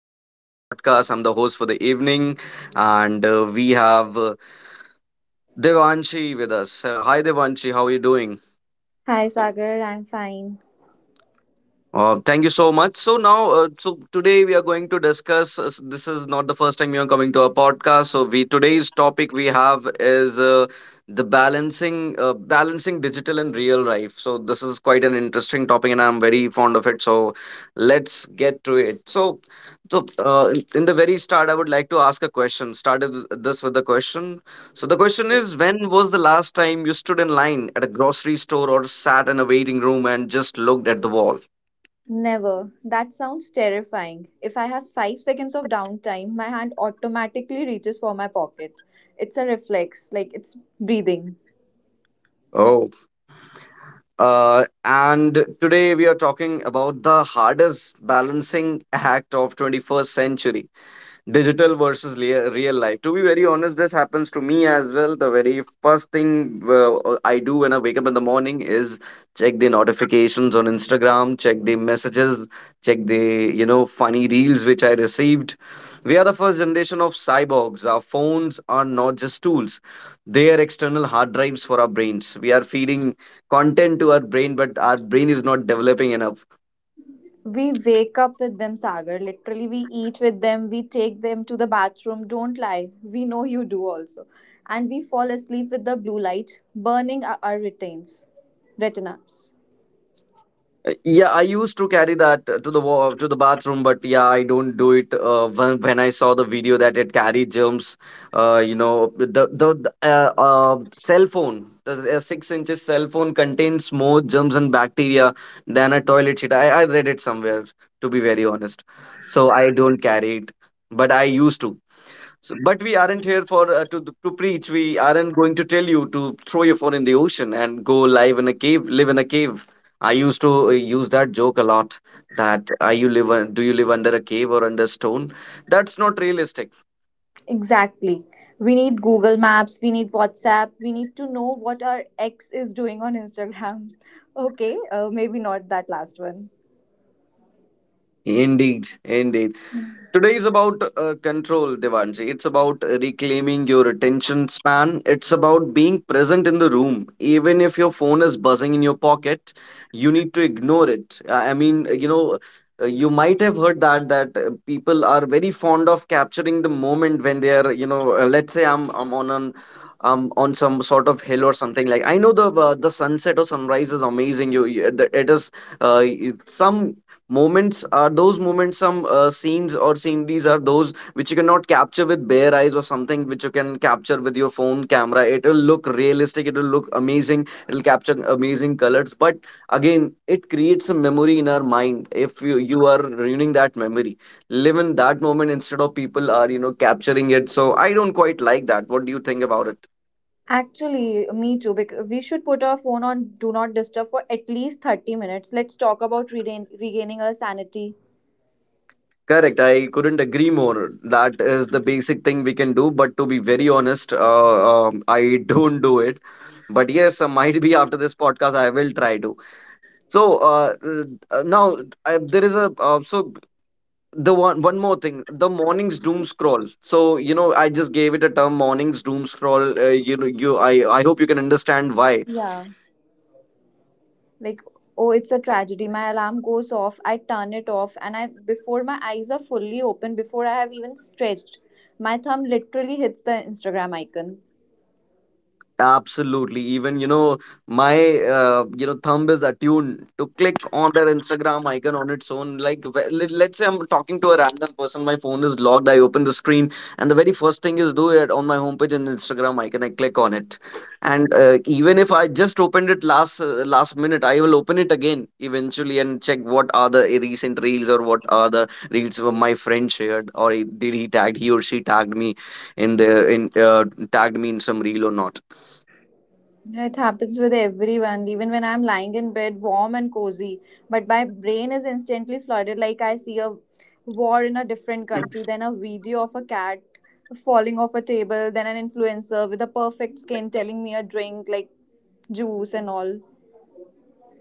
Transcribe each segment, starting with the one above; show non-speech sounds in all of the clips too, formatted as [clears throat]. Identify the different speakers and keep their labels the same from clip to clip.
Speaker 1: Welcome to my podcast. I'm the host for the evening, and we have Devanshi with us. So, hi Devanshi, how are you doing?
Speaker 2: Hi Sagar, I'm fine.
Speaker 1: Thank you so much. So now, today we are going to discuss. This is not the first time you are coming to our podcast. So we today's topic we have is the balancing, balancing digital and real life. So this is quite an interesting topic, and I'm very fond of it. So let's get to it. So, in the very start, I would like to ask a question. Started this with a question. So the question is, when was the last time you stood in line at a grocery store or sat in a waiting room and just looked at the wall?
Speaker 2: Never. That sounds terrifying. If I have 5 seconds of downtime, my hand automatically reaches for my pocket. It's a reflex, like it's breathing.
Speaker 1: Oh, and today we are talking about the hardest balancing act of 21st century, digital versus real life. To be very honest, this happens to me as well. The very first thing I do when I wake up in the morning is check the notifications on Instagram, check the messages, check the funny reels which I received. We are the first generation of cyborgs. Our phones are not just tools, they are external hard drives for our brains. We are feeding content to our brain, but our brain is not developing enough.
Speaker 2: We wake up with them, Sagar. Literally, we eat with them, we take them to the bathroom. Don't lie. We know you do also. And we fall asleep with the blue light burning our retains, retinas.
Speaker 1: Yeah, I used to carry that to the to the bathroom, but yeah, I don't do it. When I saw the video that it carried germs, you know, the the cell phone, the 6 inches cell phone contains more germs and bacteria than a toilet seat. I read it somewhere, to be very honest. So I don't carry it, but I used to. So, but we aren't here for to preach. We aren't going to tell you to throw your phone in the ocean and go live in a cave, live in a cave. I used to use that joke a lot. That are you live? Do you live under a cave or under stone? That's not realistic.
Speaker 2: Exactly. We need Google Maps, we need WhatsApp, we need to know what our ex is doing on Instagram. [laughs] Okay, maybe not that last one.
Speaker 1: Indeed, indeed. Today is about control, Devanji. It's about reclaiming your attention span. It's about being present in the room. Even if your phone is buzzing in your pocket, you need to ignore it. You might have heard that people are very fond of capturing the moment when they are, you know, let's say I'm on an on some sort of hill or something like. I know the sunset or sunrise is amazing. You it it is uh, some moments are those moments, some scenes or scene. These are those which you cannot capture with bare eyes, or something which you can capture with your phone camera. It will look realistic, it will look amazing, it will capture amazing colors, but again it creates a memory in our mind. If you are ruining that memory, live in that moment instead of people are capturing it. So I don't quite like that. What do you think about it?
Speaker 2: Actually, me too, because we should put our phone on Do Not Disturb for at least 30 minutes. Let's talk about regaining our sanity.
Speaker 1: Correct. I couldn't agree more. That is the basic thing we can do. But to be very honest, I [laughs] don't do it. But yes, might be after this podcast, I will try to. So now I, there is a so the one one more thing, the morning's doom scroll. So you know, I just gave it a term, morning's doom scroll. You know, you I hope you can understand why.
Speaker 2: Yeah, like, oh, it's a tragedy. My alarm goes off, I turn it off, and I before my eyes are fully open, before I have even stretched, my thumb literally hits the Instagram icon.
Speaker 1: Absolutely. Even, you know, my thumb is attuned to click on their Instagram icon on its own. Like, let's say I'm talking to a random person, my phone is logged, I open the screen, and the very first thing is do it on my homepage and Instagram icon. I click on it, and even if I just opened it last last minute, I will open it again eventually and check what are the recent reels, or what are the reels of my friend shared, or he- did he tagged he or she tagged me in the in tagged me in some reel or not.
Speaker 2: It happens with everyone, even when I'm lying in bed, warm and cozy. But my brain is instantly flooded, like I see a war in a different country, then a video of a cat falling off a table, then an influencer with a perfect skin telling me a drink like juice and all.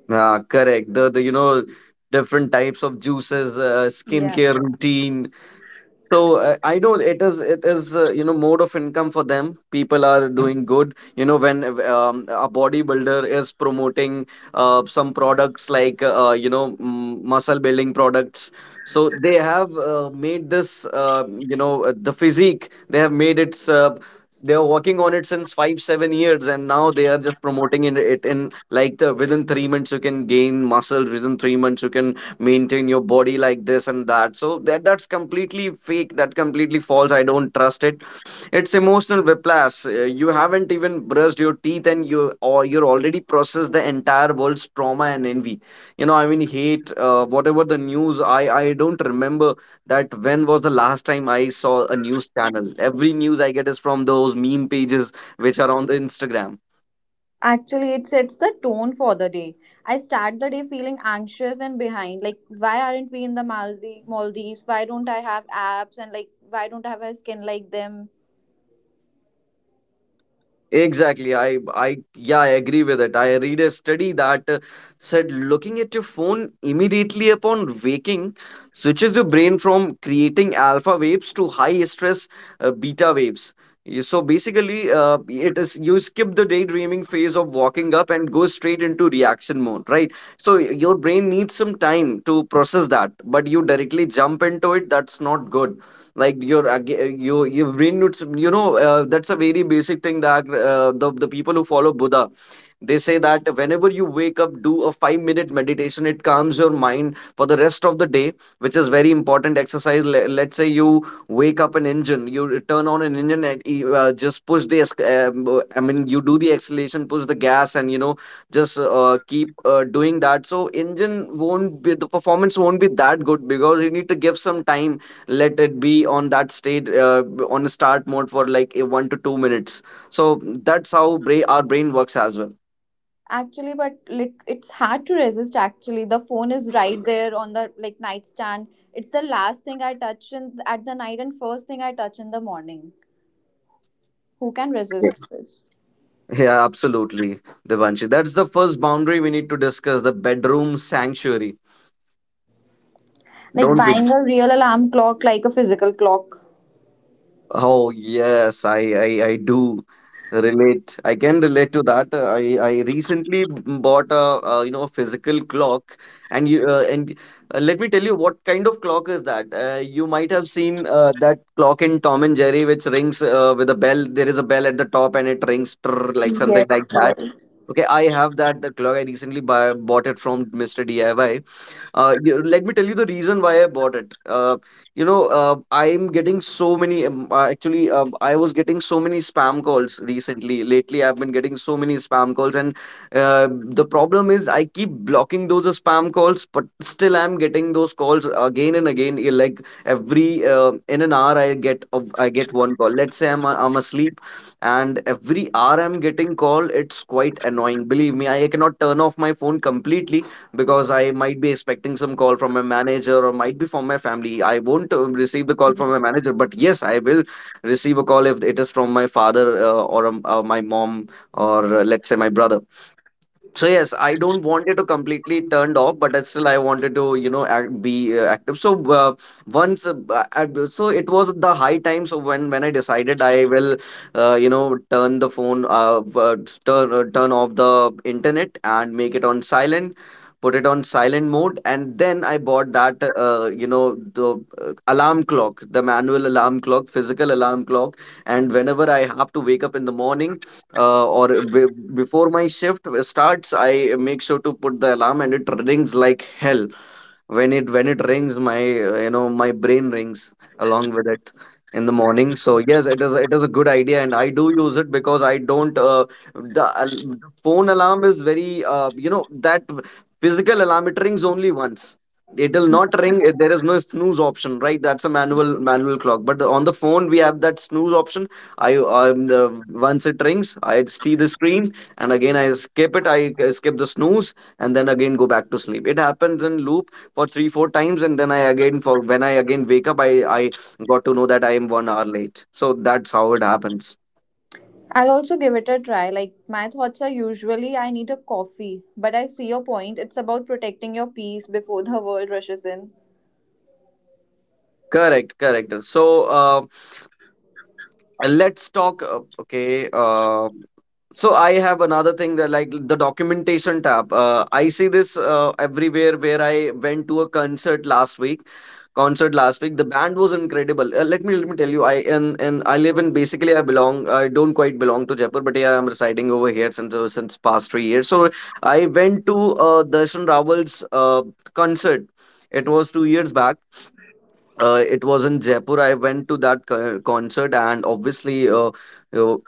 Speaker 1: Yeah, correct. The different types of juices, skincare routine, so I know it is mode of income for them. People are doing good. You know when a bodybuilder is promoting some products like muscle building products. So they have made this the physique. They have made it. They are working on it since 5 7 years, and now they are just promoting in it in like the within 3 months you can gain muscle. Within 3 months you can maintain your body like this and that. So that that's completely fake, that completely false, I don't trust it. It's emotional whiplash. You haven't even brushed your teeth and you or you're already processed the entire world's trauma and envy, hate, whatever the news. I don't remember that when was the last time I saw a news channel. Every news I get is from those meme pages which are on the Instagram.
Speaker 2: Actually, it sets the tone for the day. I start the day feeling anxious and behind. Like, why aren't we in the Maldives? Why don't I have abs? And like, why don't I have a skin like them?
Speaker 1: Exactly. Yeah, I agree with it. I read a study that said looking at your phone immediately upon waking switches your brain from creating alpha waves to high stress beta waves. So basically, it is you skip the daydreaming phase of walking up and go straight into reaction mode, right? So your brain needs some time to process that, but you directly jump into it. That's not good. like your ag- you your brain needs that's a very basic thing that the people who follow Buddha, they say that whenever you wake up do a 5-minute meditation, it calms your mind for the rest of the day, which is very important exercise. Let's say you wake up an engine, you turn on an engine, and just push the you do the acceleration, push the gas, and you know just keep doing that. So engine won't be, the performance won't be that good, because you need to give some time, let it be on that state on a start mode for like a 1 to 2 minutes. So our brain works as well.
Speaker 2: Actually, it's hard to resist. Actually, the phone is right there on the like nightstand. It's the last thing I touch in at the night and first thing I touch in the morning. Who can
Speaker 1: Yeah.
Speaker 2: resist this?
Speaker 1: Yeah, absolutely, Devanshi. That's the first boundary we need to discuss, the bedroom sanctuary,
Speaker 2: Like
Speaker 1: don't we?
Speaker 2: buying a real alarm clock, like a physical clock.
Speaker 1: Oh yes, I do relate. I can relate to that. I recently bought a, physical clock, and you and let me tell you what kind of clock is that. You might have seen that clock in Tom and Jerry, which rings with a bell. There is a bell at the top, and it rings trrr, like something
Speaker 2: Yes,
Speaker 1: like that.
Speaker 2: yes.
Speaker 1: Okay, I have that clock. I recently bought it from Mr. DIY. Let me tell you the reason why I bought it. I'm getting so many. I was getting so many spam calls recently. Lately, I've been getting so many spam calls, and the problem is I keep blocking those spam calls, but still I'm getting those calls again and again. Like every in an hour, I get one call. Let's say I'm asleep, and every hour I'm getting call. It's quite annoying. Believe me, I cannot turn off my phone completely because I might be expecting some call from my manager or might be from my family. I won't receive the call from my manager, but yes, I will receive a call if it is from my father or my mom or let's say my brother. So yes, I don't want it to completely turned off, but I still I wanted to be active. So so it was the high time. So when I decided I will turn the phone turn off the internet and make it on silent, put it on silent mode, and then I bought that the alarm clock, the manual alarm clock, physical alarm clock, and whenever I have to wake up in the morning uh, or b- before my shift starts, I make sure to put the alarm, and it rings like hell. When it rings, my my brain rings along with it in the morning. So yes, it is a good idea, and I do use it because I don't the phone alarm is very that physical alarm, it rings only once. It will not ring. There is no snooze option, right? That's a manual clock. But on the phone we have that snooze option. i um, the, Once it rings, I see the screen, and again I skip it. I skip the snooze and then again go back to sleep. It happens in loop for 3 4 times, and then I again for when I again wake up, I got to know that I am 1 hour late. So that's how it happens.
Speaker 2: I'll also give it a try. Like my thoughts are usually I need a coffee, but I see your point. It's about protecting your peace before the world rushes in.
Speaker 1: Correct, correct. So uh, let's talk okay So I have another thing, that like the documentation tab. I see this everywhere. Where I went to a concert last week. Concert last week. The band was incredible. Let me tell you. I and I live in, basically I belong, I don't quite belong to Jaipur, but yeah, I'm residing over here since since past 3 years. So I went to Darshan Rawal's concert. It was 2 years back. It was in Jaipur. I went to that concert, and obviously, you know,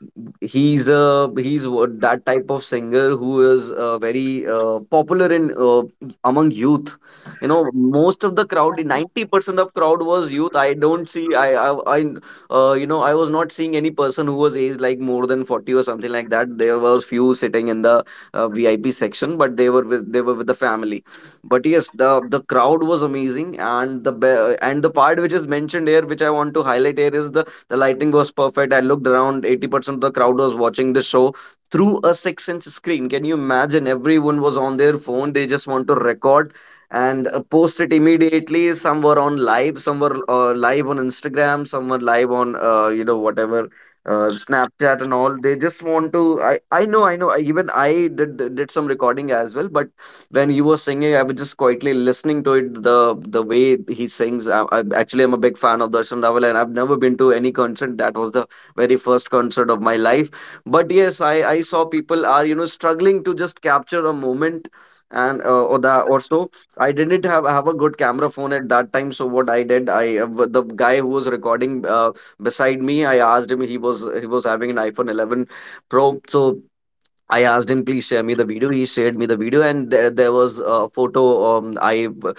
Speaker 1: he's a he's wo- that type of singer who is very popular in among youth. You know, most of the crowd, 90% of crowd was youth. I don't see, I was not seeing any person who was aged like more than 40 or something like that. There were few sitting in the VIP section, but they were with, they were with the family. But yes, the crowd was amazing, and and the part which is mentioned here, which I want to highlight here, is the lighting was perfect. I looked around, 80% of the crowd was watching the show through a 6-inch screen. Can you imagine? Everyone was on their phone. They just want to record and post it immediately. Some were on live, some were live on Instagram, some were live on whatever, Snapchat and all. They just want to. I know, I know. I, even I did some recording as well. But when he was singing, I was just quietly listening to it. The way he sings, I actually am a big fan of Darshan Rawal, and I've never been to any concert. That was the very first concert of my life. But yes, I saw people are struggling to just capture a moment, and or that or so. I didn't have a good camera phone at that time. So what I did, the guy who was recording beside me, I asked him. He was having an iPhone 11 Pro. So I asked him, please share me the video. He shared me the video, and there was a photo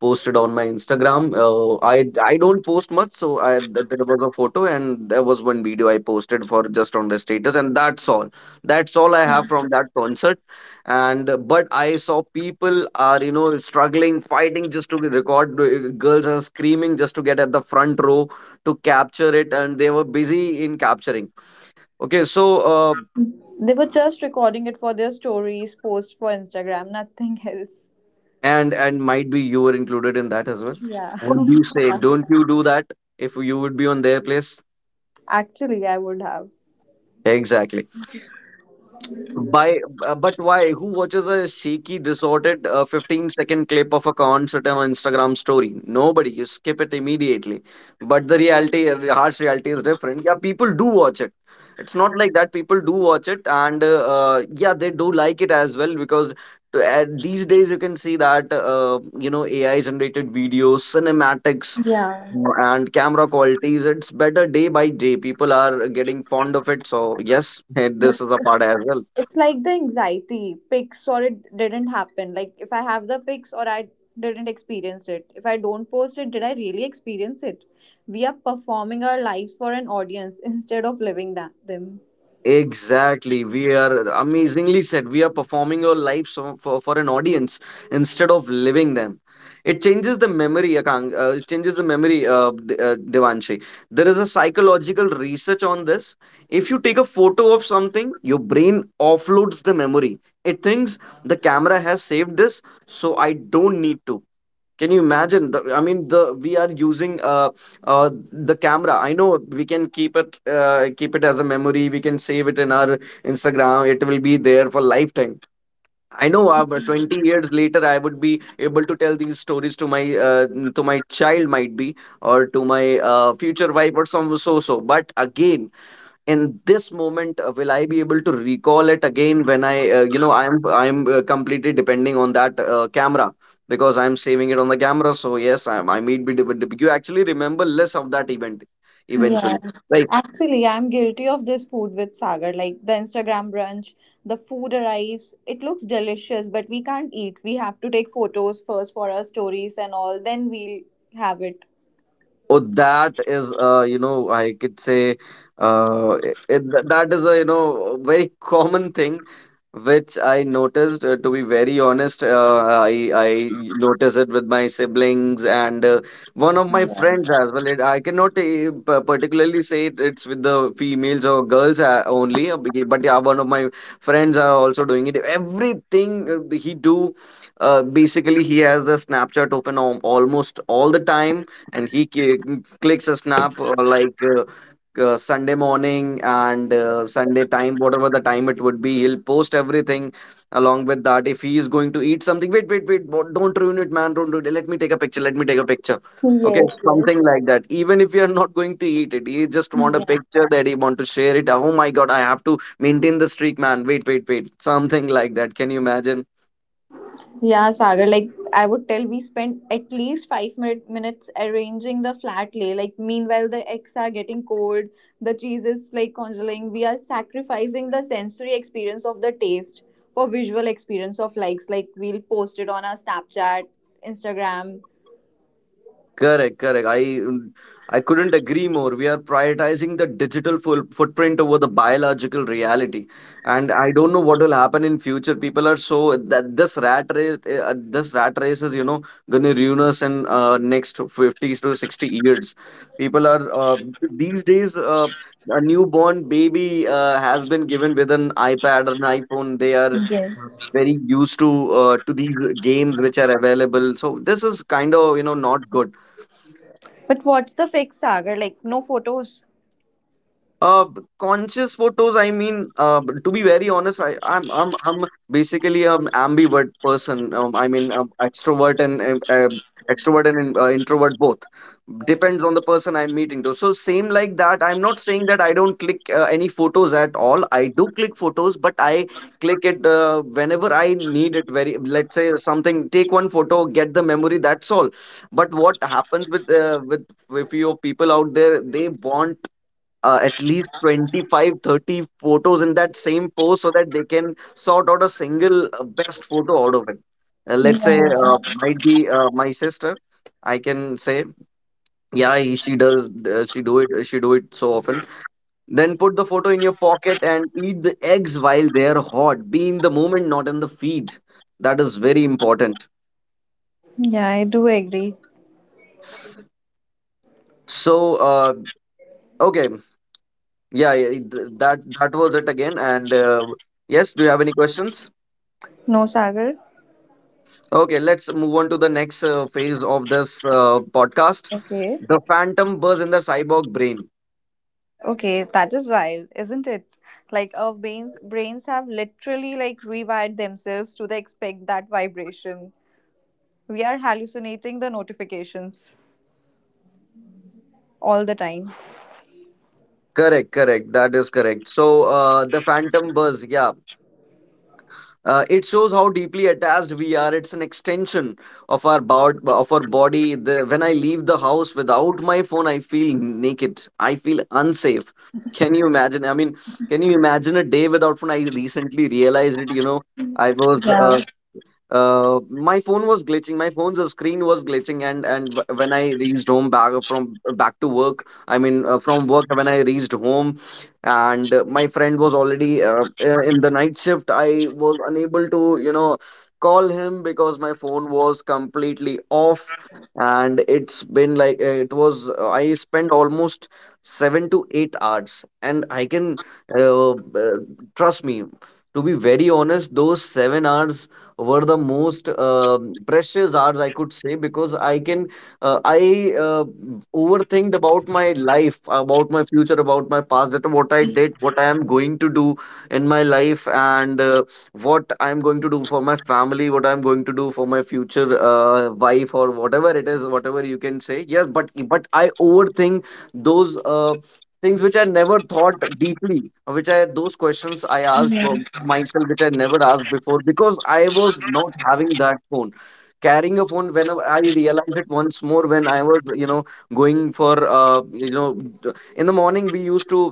Speaker 1: posted on my Instagram. I don't post much, so there was a photo, and there was one video I posted for just on the status, and that's all. That's all I have from that concert. And but I saw people are struggling, fighting just to record. Girls are screaming just to get at the front row to capture it, and they were busy in capturing. Okay, so uh,
Speaker 2: They were just recording it for their stories post for Instagram, nothing [laughs] else.
Speaker 1: and might be you were included in that as well.
Speaker 2: Yeah.
Speaker 1: What
Speaker 2: [laughs]
Speaker 1: do you say?
Speaker 2: Yeah.
Speaker 1: Don't you do that if you would be on their place?
Speaker 2: Actually, I would have.
Speaker 1: Exactly. By but why? Who watches a shaky, distorted, 15-second clip of a concert on Instagram story? Nobody. You skip it immediately. But the reality, harsh reality is different. Yeah, people do watch it. It's not like that. People do watch it, and yeah, they do like it as well, because these days you can see that AI generated videos, cinematics,
Speaker 2: Yeah.
Speaker 1: mm, and camera qualities, it's better day by day. People are getting fond of it. So yes, [laughs] this is a part as well.
Speaker 2: It's like the anxiety, pics or it didn't happen. Like if I have the pics, or I didn't experience it. If I don't post it, did I really experience it? We are performing our lives for an audience [laughs] instead of living that them.
Speaker 1: Exactly. We are amazingly said. We are performing our lives for an audience instead of living them. It changes the memory, Akang, it changes the memory, Devanshi. There is a psychological research on this. If you take a photo of something, your brain offloads the memory. It thinks the camera has saved this, so I don't need to. Can you imagine? The, I mean, the we are using the camera. I know we can keep it as a memory. We can save it in our Instagram. It will be there for lifetime. I know. But 20 years later, I would be able to tell these stories to my child, might be, or to my future wife or some so so. But again, in this moment, will I be able to recall it again when I I'm completely depending on that camera, because I'm saving it on the camera. So yes, I may be, you actually remember less of that event
Speaker 2: Yeah.
Speaker 1: eventually, right?
Speaker 2: Actually, I'm guilty of this food with Sagar. Like the Instagram brunch, the food arrives, it looks delicious, but we can't eat. We have to take photos first for our stories and all, then we'll have it.
Speaker 1: Oh, that is, I could say, that is a, you know, very [laughs] common thing which I noticed. To be very honest, I noticed it with my siblings and one of my
Speaker 2: Yeah.
Speaker 1: friends as well. It, I cannot particularly say it, it's with the females or girls only, but yeah, one of my friends are also doing it. Everything he do, basically, he has the Snapchat open almost all the time, and clicks a snap Sunday morning and Sunday time, whatever the time it would be. He'll post everything along with that. If he is going to eat something, wait, wait, wait, don't ruin it, man, don't ruin it. Let me take a picture. Let me take a picture. Okay,
Speaker 2: Yes, yes.
Speaker 1: something like that. Even if you are not going to eat it, he just want a
Speaker 2: Yeah.
Speaker 1: picture that he want to share it. Oh my God, I have to maintain the streak, man. Wait, wait, wait. Something like that. Can you imagine?
Speaker 2: Yeah, Sagar, like I would tell we spend at least 5 minute, minutes arranging the flat lay. Like meanwhile the eggs are getting cold, the cheese is like congealing. We are sacrificing the sensory experience of the taste for visual experience of likes. Like we'll post it on our Snapchat, Instagram.
Speaker 1: Correct, correct. I couldn't agree more. We are prioritizing the digital full footprint over the biological reality, and I don't know what will happen in future. People are so that this rat race is, you know, gonna ruin us in next 50 to 60 years. People are these days a newborn baby has been given with an iPad or an iPhone. They are
Speaker 2: Yes.
Speaker 1: very used to these games which are available. So this is kind of, you know, not good.
Speaker 2: But what's the fix, Sagar? Like no photos.
Speaker 1: Conscious photos. I mean, to be very honest, I, I'm basically an ambivert person. I mean, extrovert and extrovert and introvert both. Depends on the person I'm meeting to. So same like that. I'm not saying that I don't click any photos at all. I do click photos, but I click it whenever I need it. Very, let's say something. Take one photo, get the memory. That's all. But what happens with with few people out there? They want at least 25, 30 photos in that same post so that they can sort out a single best photo out of it. Let's say
Speaker 2: Yeah.
Speaker 1: might be my sister, I can say. Yeah, she does, she do it so often. Then put the photo in your pocket and eat the eggs while they're hot. Be in the moment, not in the feed. That is very important.
Speaker 2: Yeah, I do agree.
Speaker 1: So uh, okay that was it again. And yes, do you have any questions?
Speaker 2: No, Sagar.
Speaker 1: Okay, let's move on to the next phase of this podcast.
Speaker 2: Okay.
Speaker 1: The phantom buzz in the cyborg brain.
Speaker 2: Okay, that is wild, isn't it? Like our brains have literally like rewired themselves to the expect that vibration. We are hallucinating the notifications all the time.
Speaker 1: Correct, correct. That is correct. So, the phantom buzz, yeah. It shows how deeply attached we are. It's an extension of our body. The, when I leave the house without my phone, I feel naked. I feel unsafe. Can you imagine? I mean, can you imagine a day without phone? I recently realized it. You know, I was
Speaker 2: Yeah.
Speaker 1: my phone was glitching. My phone's screen was glitching, and when I reached home back from back to work, I mean, from work when I reached home, and my friend was already in the night shift. I was unable to call him because my phone was completely off, and it's been like it was. I spent almost 7 to 8 hours, and I can uh, uh, trust me. To be very honest, those 7 hours were the most precious hours I could say because I can I overthinked about my life, about my future, about my past, that what I did, what I am going to do in my life, and what I'm going to do for my family, what I'm going to do for my future wife or whatever it is, whatever you can say. Yes, but I overthink those. Things which I never thought deeply, which I those questions I asked for
Speaker 2: Yeah.
Speaker 1: myself, which I never asked before because I was not having that phone. Carrying a phone, whenever I realized it once more, when I was going for, in the morning we used to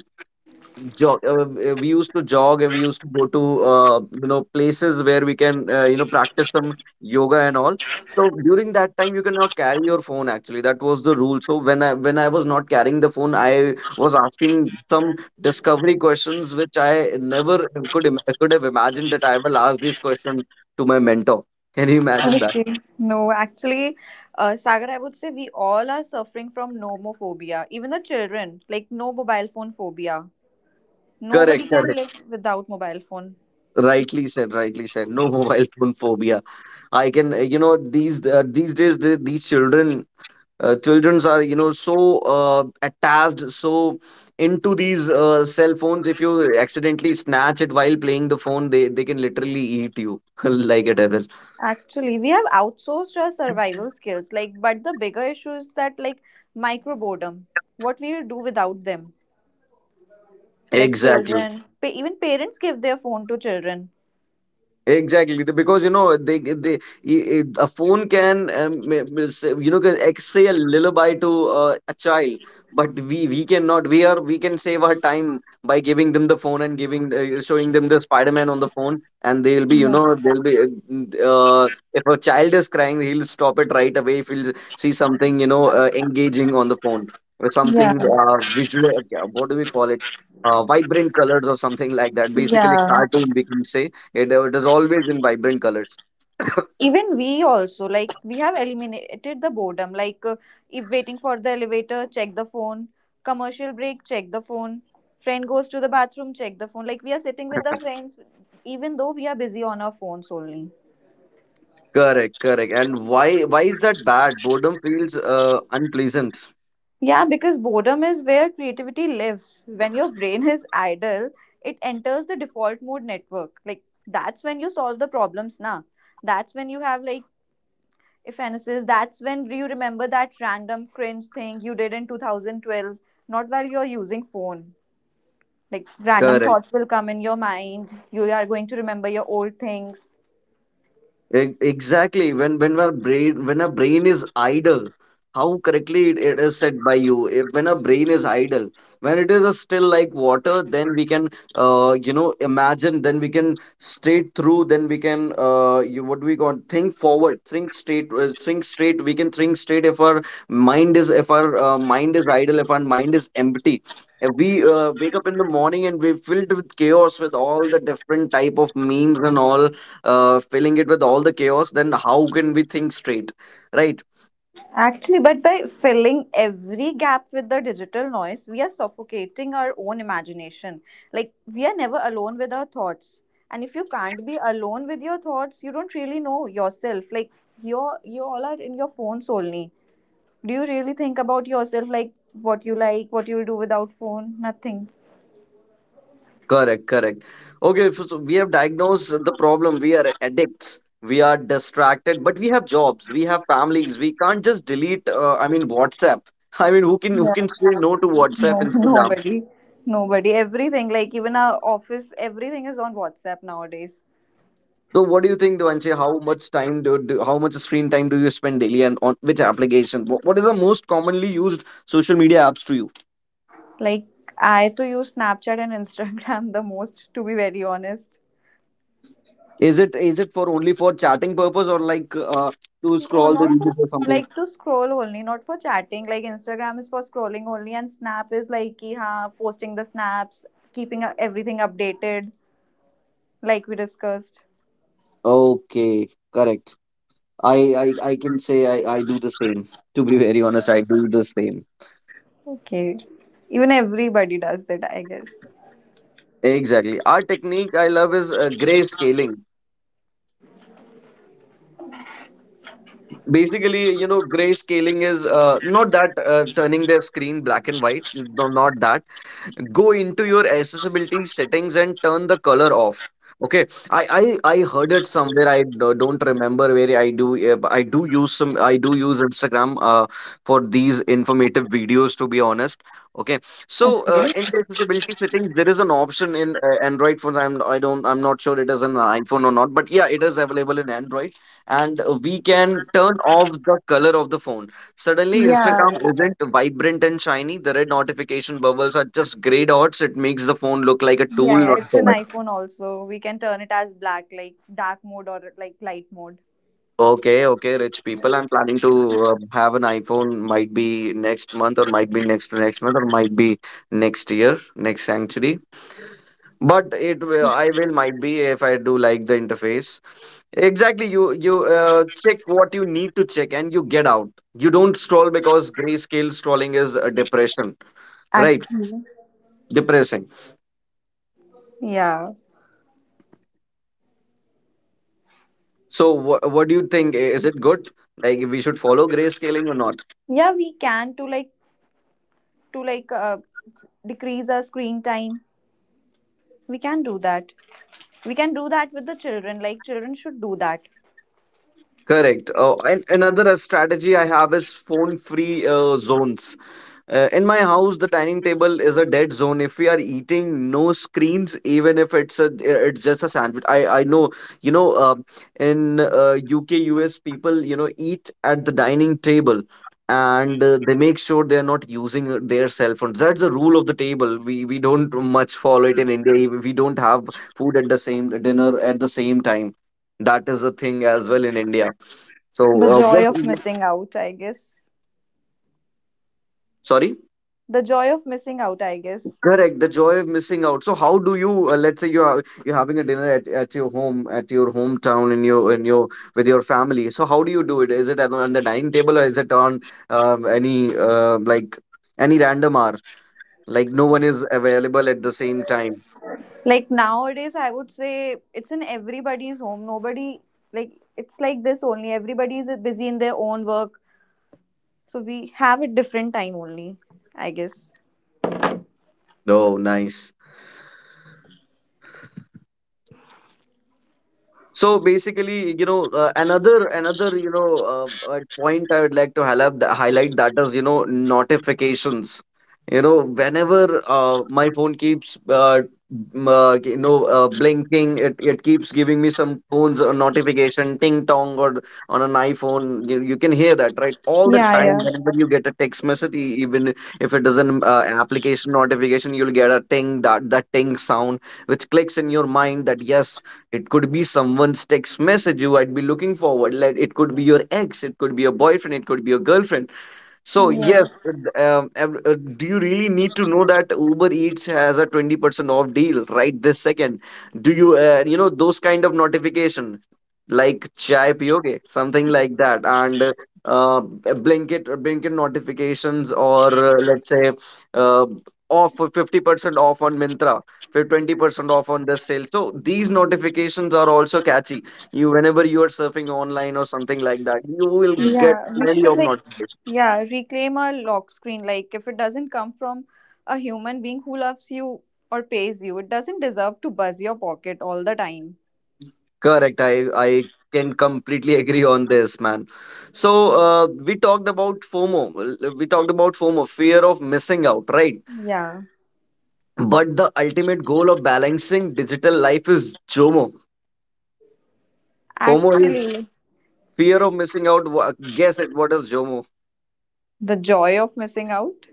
Speaker 1: jog, we used to jog, and we used to go to places where we can practice some yoga and all. So during that time you cannot carry your phone, actually that was the rule. So when I was not carrying the phone, I was asking some discovery questions which I never could have imagined that I will ask these questions to my mentor. Can you imagine that?
Speaker 2: Okay. No, actually, Sagar, I would say we all are suffering from nomophobia. Even the children, like no mobile phone phobia.
Speaker 1: Correct,
Speaker 2: Nobody can
Speaker 1: correct.
Speaker 2: live without mobile phone.
Speaker 1: Rightly said, rightly said. No [laughs] mobile phone phobia. I can, these days, these children childrens are, you know, so attached, so into these cell phones. If you accidentally snatch it while playing the phone, they can literally eat you [laughs] like a devil.
Speaker 2: Actually, we have outsourced our survival skills, like, but the bigger issue is that, like, micro boredom. What we will do without them? Like
Speaker 1: Exactly.
Speaker 2: children, even parents give their phone to children.
Speaker 1: Exactly, because you know a phone can, can say a lullaby to a child, but we cannot. We can save our time by giving them the phone and giving showing them the Spider Man on the phone, and
Speaker 2: Yeah.
Speaker 1: they'll be, if a child is crying, he'll stop it right away if he'll see something, you know, engaging on the phone or something
Speaker 2: Yeah.
Speaker 1: visual. What do we call it? Vibrant colors or something like that. Basically,
Speaker 2: Yeah.
Speaker 1: cartoon we can say it, it is always in vibrant colors.
Speaker 2: Even we also, like, we have eliminated the boredom. Like, if waiting for the elevator, check the phone. Commercial break, check the phone. Friend goes to the bathroom, check the phone. Like, we are sitting with the friends, even though we are busy on our phones only.
Speaker 1: Correct, correct. And why is that bad? Boredom feels unpleasant.
Speaker 2: Yeah, because boredom is where creativity lives. When your brain is idle, it enters the default mode network. Like that's when you solve the problems now. That's when you have like evanescence. That's when you remember that random cringe thing you did in 2012, not while you're using phone. Like random
Speaker 1: Correct.
Speaker 2: thoughts will come in your mind. You are going to remember your old things.
Speaker 1: Exactly. When our brain is idle, how correctly it is said by you. If when our brain is idle, when it is a still like water, then we can imagine. Then we can straight through. Then we can what do we call, think forward, think straight, think straight. We can think straight if our mind is if our mind is idle, if our mind is empty. If we wake up in the morning and we're filled with chaos, with all the different type of memes and all, filling it with all the chaos, then how can we think straight? Right?
Speaker 2: Actually, but by filling every gap with the digital noise, we are suffocating our own imagination. Like, we are never alone with our thoughts. And if you can't be alone with your thoughts, you don't really know yourself. Like, you all are in your phones only. Do you really think about yourself, like, what you do without phone? Nothing.
Speaker 1: Correct, correct. Okay, so we have diagnosed the problem. We are addicts. We are distracted, but we have jobs. We have families. We can't just delete. I mean, WhatsApp. I mean, who
Speaker 2: Yeah,
Speaker 1: can say no to WhatsApp,
Speaker 2: no, [laughs]
Speaker 1: Instagram?
Speaker 2: nobody. Nobody. Everything. Like, even our office, everything is on WhatsApp nowadays.
Speaker 1: So, what do you think, Devanshi? How much screen time do you spend daily, and on which application? What is the most commonly used social media apps to you?
Speaker 2: Like I to use Snapchat and Instagram [laughs] the most, to be very honest.
Speaker 1: Is it for only for chatting purpose, or like to
Speaker 2: No,
Speaker 1: scroll the
Speaker 2: not for
Speaker 1: reels or something?
Speaker 2: like to scroll only, not for chatting. Like Instagram is for scrolling only and Snap is like ki, haan, posting the snaps, keeping everything updated like we discussed.
Speaker 1: Okay, correct. I I can say I do the same. To be very honest, I do the same.
Speaker 2: Okay. Even everybody does that, I guess.
Speaker 1: Exactly. Our technique I love is gray scaling. Basically, you know, gray scaling is not that turning their screen black and white. No, not that. Go into your accessibility settings and turn the color off. Okay. i I heard it somewhere, I don't remember where. I do use Instagram, for these informative videos to be honest. Okay. So
Speaker 2: Okay.
Speaker 1: in the accessibility settings there is an option in Android phones. I'm I don't, I'm not sure it is an iPhone or not, but yeah, it is available in Android. And we can turn off the color of the phone. Suddenly,
Speaker 2: Yeah.
Speaker 1: Instagram isn't vibrant and shiny. The red notification bubbles are just gray dots. It makes the phone look like a tool,
Speaker 2: Yeah, yeah.
Speaker 1: not a
Speaker 2: It's an
Speaker 1: toy.
Speaker 2: iPhone also. We can turn it as black, like dark mode or like light mode.
Speaker 1: Okay, okay, rich people. I'm planning to have an iPhone. Might be next month, or might be next to next month, or might be next year, next century. But it will, I will, might be, if I do like the interface. Exactly. You Check what you need to check, and you get out. You don't scroll because grayscale scrolling is a depression, right?
Speaker 2: Actually.
Speaker 1: Depressing.
Speaker 2: Yeah.
Speaker 1: So what do you think? Is it good? Like we should follow grayscaling or not?
Speaker 2: Yeah, we can to like to decrease our screen time. We can do that. We can do that with the children. Like children should do that.
Speaker 1: Correct. And another strategy I have is phone-free zones. In my house, the dining table is a dead zone. If we are eating, no screens, even if it's just a sandwich. I know, you know, in UK, US, people, you know, eat at the dining table, and they make sure they are not using their cell phones. That's the rule of the table. We don't much follow it in India. We don't have food at the same dinner at the same time. That is a thing as well in India. So,
Speaker 2: The joy
Speaker 1: what?
Speaker 2: of missing out, I guess.
Speaker 1: Sorry.
Speaker 2: The joy of missing out, I guess.
Speaker 1: Correct, the joy of missing out. So how do you, let's say you're having a dinner at your home, at your hometown, in your with your family. So how do you do it? Is it on the dining table, or is it on any any random hour? Like no one is available at the same time.
Speaker 2: Like nowadays, I would say it's in everybody's home. Nobody, like, it's like this only. Everybody is busy in their own work, so we have a different time only, I guess.
Speaker 1: Oh, nice. So basically, you know, another point I would like to highlight, that is, you know, notifications. You know, whenever my phone keeps blinking, it keeps giving me some tones or notification, ting tong, or on an iPhone, you can hear that right all the
Speaker 2: Yeah.
Speaker 1: time.
Speaker 2: Yeah.
Speaker 1: Whenever you get a text message, even if it is an application notification, you'll get a ting, that ting sound, which clicks in your mind that yes, it could be someone's text message you might be looking forward. Like it could be your ex, it could be your boyfriend, it could be your girlfriend. So yes,
Speaker 2: Yeah.
Speaker 1: do you really need to know that Uber Eats has a 20% off deal right this second? Do you, those kind of notification like chai piyoge, something like that, and blanket notifications, or let's say, uh, off 50% off on Mintra, for 20% off on this sale. So these notifications are also catchy. You, whenever you are surfing online or something like that, you will get
Speaker 2: Yeah, we
Speaker 1: plenty
Speaker 2: should
Speaker 1: of
Speaker 2: like,
Speaker 1: notifications.
Speaker 2: yeah, reclaim a lock screen. Like if it doesn't come from a human being who loves you or pays you, it doesn't deserve to buzz your pocket all the time.
Speaker 1: Correct. I can completely agree on this, man. So we talked about FOMO. We talked about FOMO, fear of missing out, right?
Speaker 2: Yeah,
Speaker 1: But the ultimate goal of balancing digital life is JOMO. FOMO is
Speaker 2: actually,
Speaker 1: fear of missing out. Guess it. What is JOMO?
Speaker 2: the joy of missing out.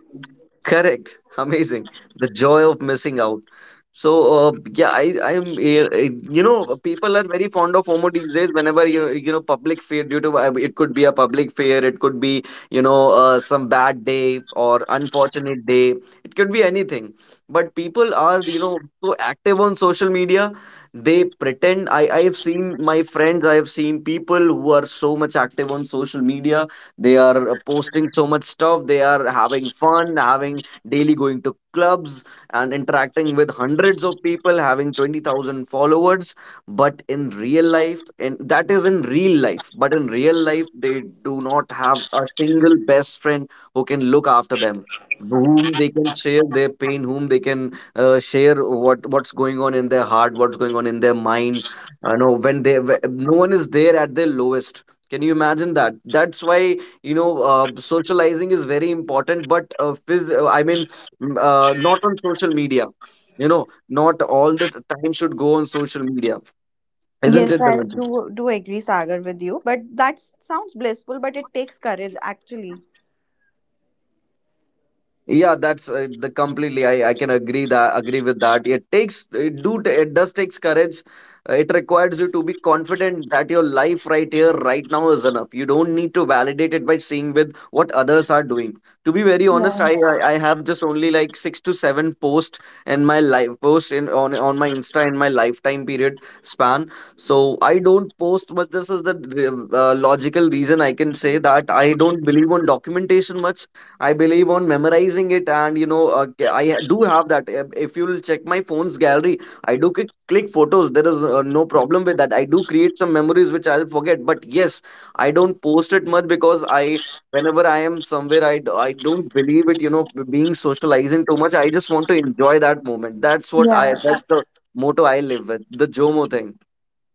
Speaker 1: Correct. [laughs] Amazing. The joy of missing out. So yeah, I am eh, eh, you know, people are very fond of FOMO these days. Whenever you, you know, public fear due to it could be a public fear, it could be, you know, some bad day or unfortunate day. It could be anything. But people are, you know, so active on social media. They pretend. I have seen my friends. I have seen people who are so much active on social media, they are posting so much stuff. They are having fun, having daily, going to clubs and interacting with hundreds of people, having 20,000 followers. But in real life, and that is in real life, but in real life, they do not have a single best friend who can look after them, whom they can share their pain, whom they can share what's going on in their heart, what's going on in their mind. I know when they wh- No one is there at their lowest. Can you imagine that? That's why, you know, socializing is very important, but I mean, not on social media, you know. Not all the time should go on social media, isn't
Speaker 2: Yes,
Speaker 1: it,
Speaker 2: I
Speaker 1: Devanshi?
Speaker 2: do. do agree, Sagar, with you, but that sounds blissful, but it takes courage actually.
Speaker 1: Yeah, that's the completely. I can agree that agree with that. It takes, it does takes courage. It requires you to be confident that your life right here, right now is enough. You don't need to validate it by seeing with what others are doing. To be very honest,
Speaker 2: Yeah,
Speaker 1: I have just only like six to seven posts in my life post in on my Insta in my lifetime period span. So I don't post much. This is the logical reason. I can say that I don't believe on documentation much. I believe on memorizing it, and you know, do have that. If you'll check my phone's gallery, I do click, click photos. There is no problem with that. I do create some memories which I'll forget. But yes, I don't post it much because whenever I am somewhere, I don't believe it. You know, being socializing too much. I just want to enjoy that moment. That's what
Speaker 2: yeah,
Speaker 1: I. That's the motto I live with. The Jomo thing.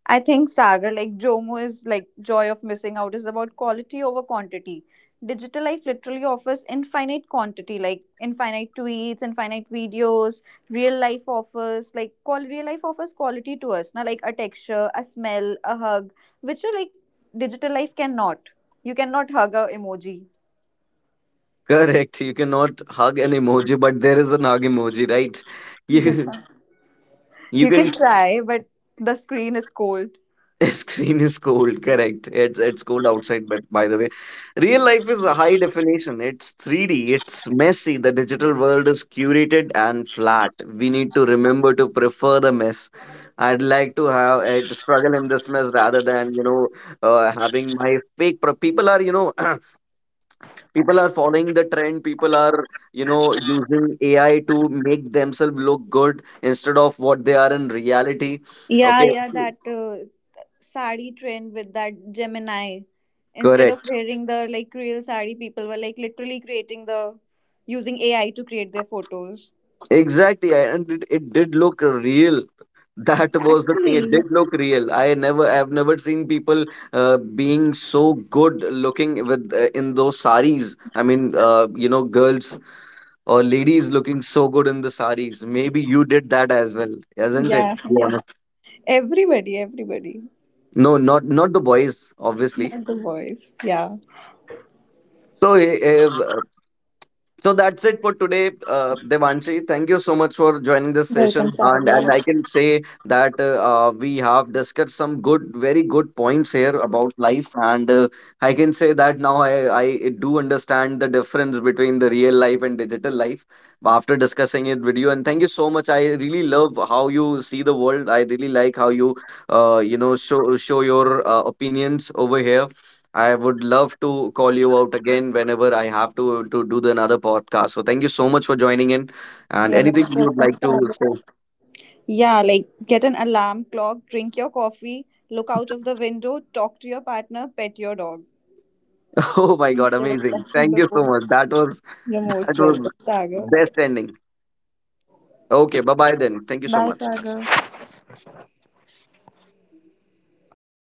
Speaker 2: I think Sagar, like Jomo is like joy of missing out is about quality over quantity. Digital life literally offers infinite quantity, like infinite tweets, infinite videos. Real life offers like call real life offers quality to us, na, like a texture, a smell, a hug, which are like digital life cannot. You cannot hug a emoji.
Speaker 1: Correct. You cannot hug an emoji, but there is an hug emoji, right? [laughs]
Speaker 2: Yeah.
Speaker 1: You you
Speaker 2: You
Speaker 1: can
Speaker 2: can try, but the screen is cold.
Speaker 1: [laughs] Screen is cold, correct. It's cold outside, but by the way, real life is a high definition. It's 3D, it's messy. The digital world is curated and flat. We need to remember to prefer the mess. I'd like to have struggle in this mess rather than, you know, having my fake. People are, you know, [clears throat] people are following the trend. People are, you know, using AI to make themselves look good instead of what they are in reality.
Speaker 2: Yeah,
Speaker 1: Okay,
Speaker 2: yeah, that sari trend with that Gemini. Instead of
Speaker 1: correct.
Speaker 2: wearing the like real sari, people were like literally creating the using AI to create their photos.
Speaker 1: Exactly. And it did look real. [laughs] That was the thing. It
Speaker 2: Actually,
Speaker 1: did look real. I've never seen people being so good looking with in those saris. I mean, you know, girls or ladies looking so good in the saris. Maybe you did that as well, isn't it?
Speaker 2: yeah, [laughs] yeah.
Speaker 1: Yeah.
Speaker 2: Everybody, everybody.
Speaker 1: No, not the boys, obviously.
Speaker 2: Not the boys. Yeah.
Speaker 1: So, uh, So that's it for today, Devanshi. Thank you so much for joining this
Speaker 2: Welcome,
Speaker 1: session. And
Speaker 2: Sagar.
Speaker 1: I can say that we have discussed some very good points here about life. And I can say that now I do understand the difference between the real life and digital life after discussing it with you. And thank you so much. I really love how you see the world. I really like how you know, show your opinions over here. I would love to call you out again whenever I have to do the another podcast. So thank you so much for joining in. And
Speaker 2: You're
Speaker 1: anything
Speaker 2: most
Speaker 1: you would
Speaker 2: welcome,
Speaker 1: like to
Speaker 2: Sagar.
Speaker 1: say?
Speaker 2: Yeah, like get an alarm clock, drink your coffee, look out of the window, talk to your partner, pet your dog
Speaker 1: [laughs] Oh my God,
Speaker 2: instead of
Speaker 1: amazing!
Speaker 2: touching
Speaker 1: Thank
Speaker 2: the
Speaker 1: you so
Speaker 2: phone.
Speaker 1: much. That was [laughs]
Speaker 2: You're
Speaker 1: that
Speaker 2: most
Speaker 1: was
Speaker 2: welcome, Sagar.
Speaker 1: best ending. Okay, bye bye then. Thank you so
Speaker 2: Bye,
Speaker 1: much.
Speaker 2: Sagar.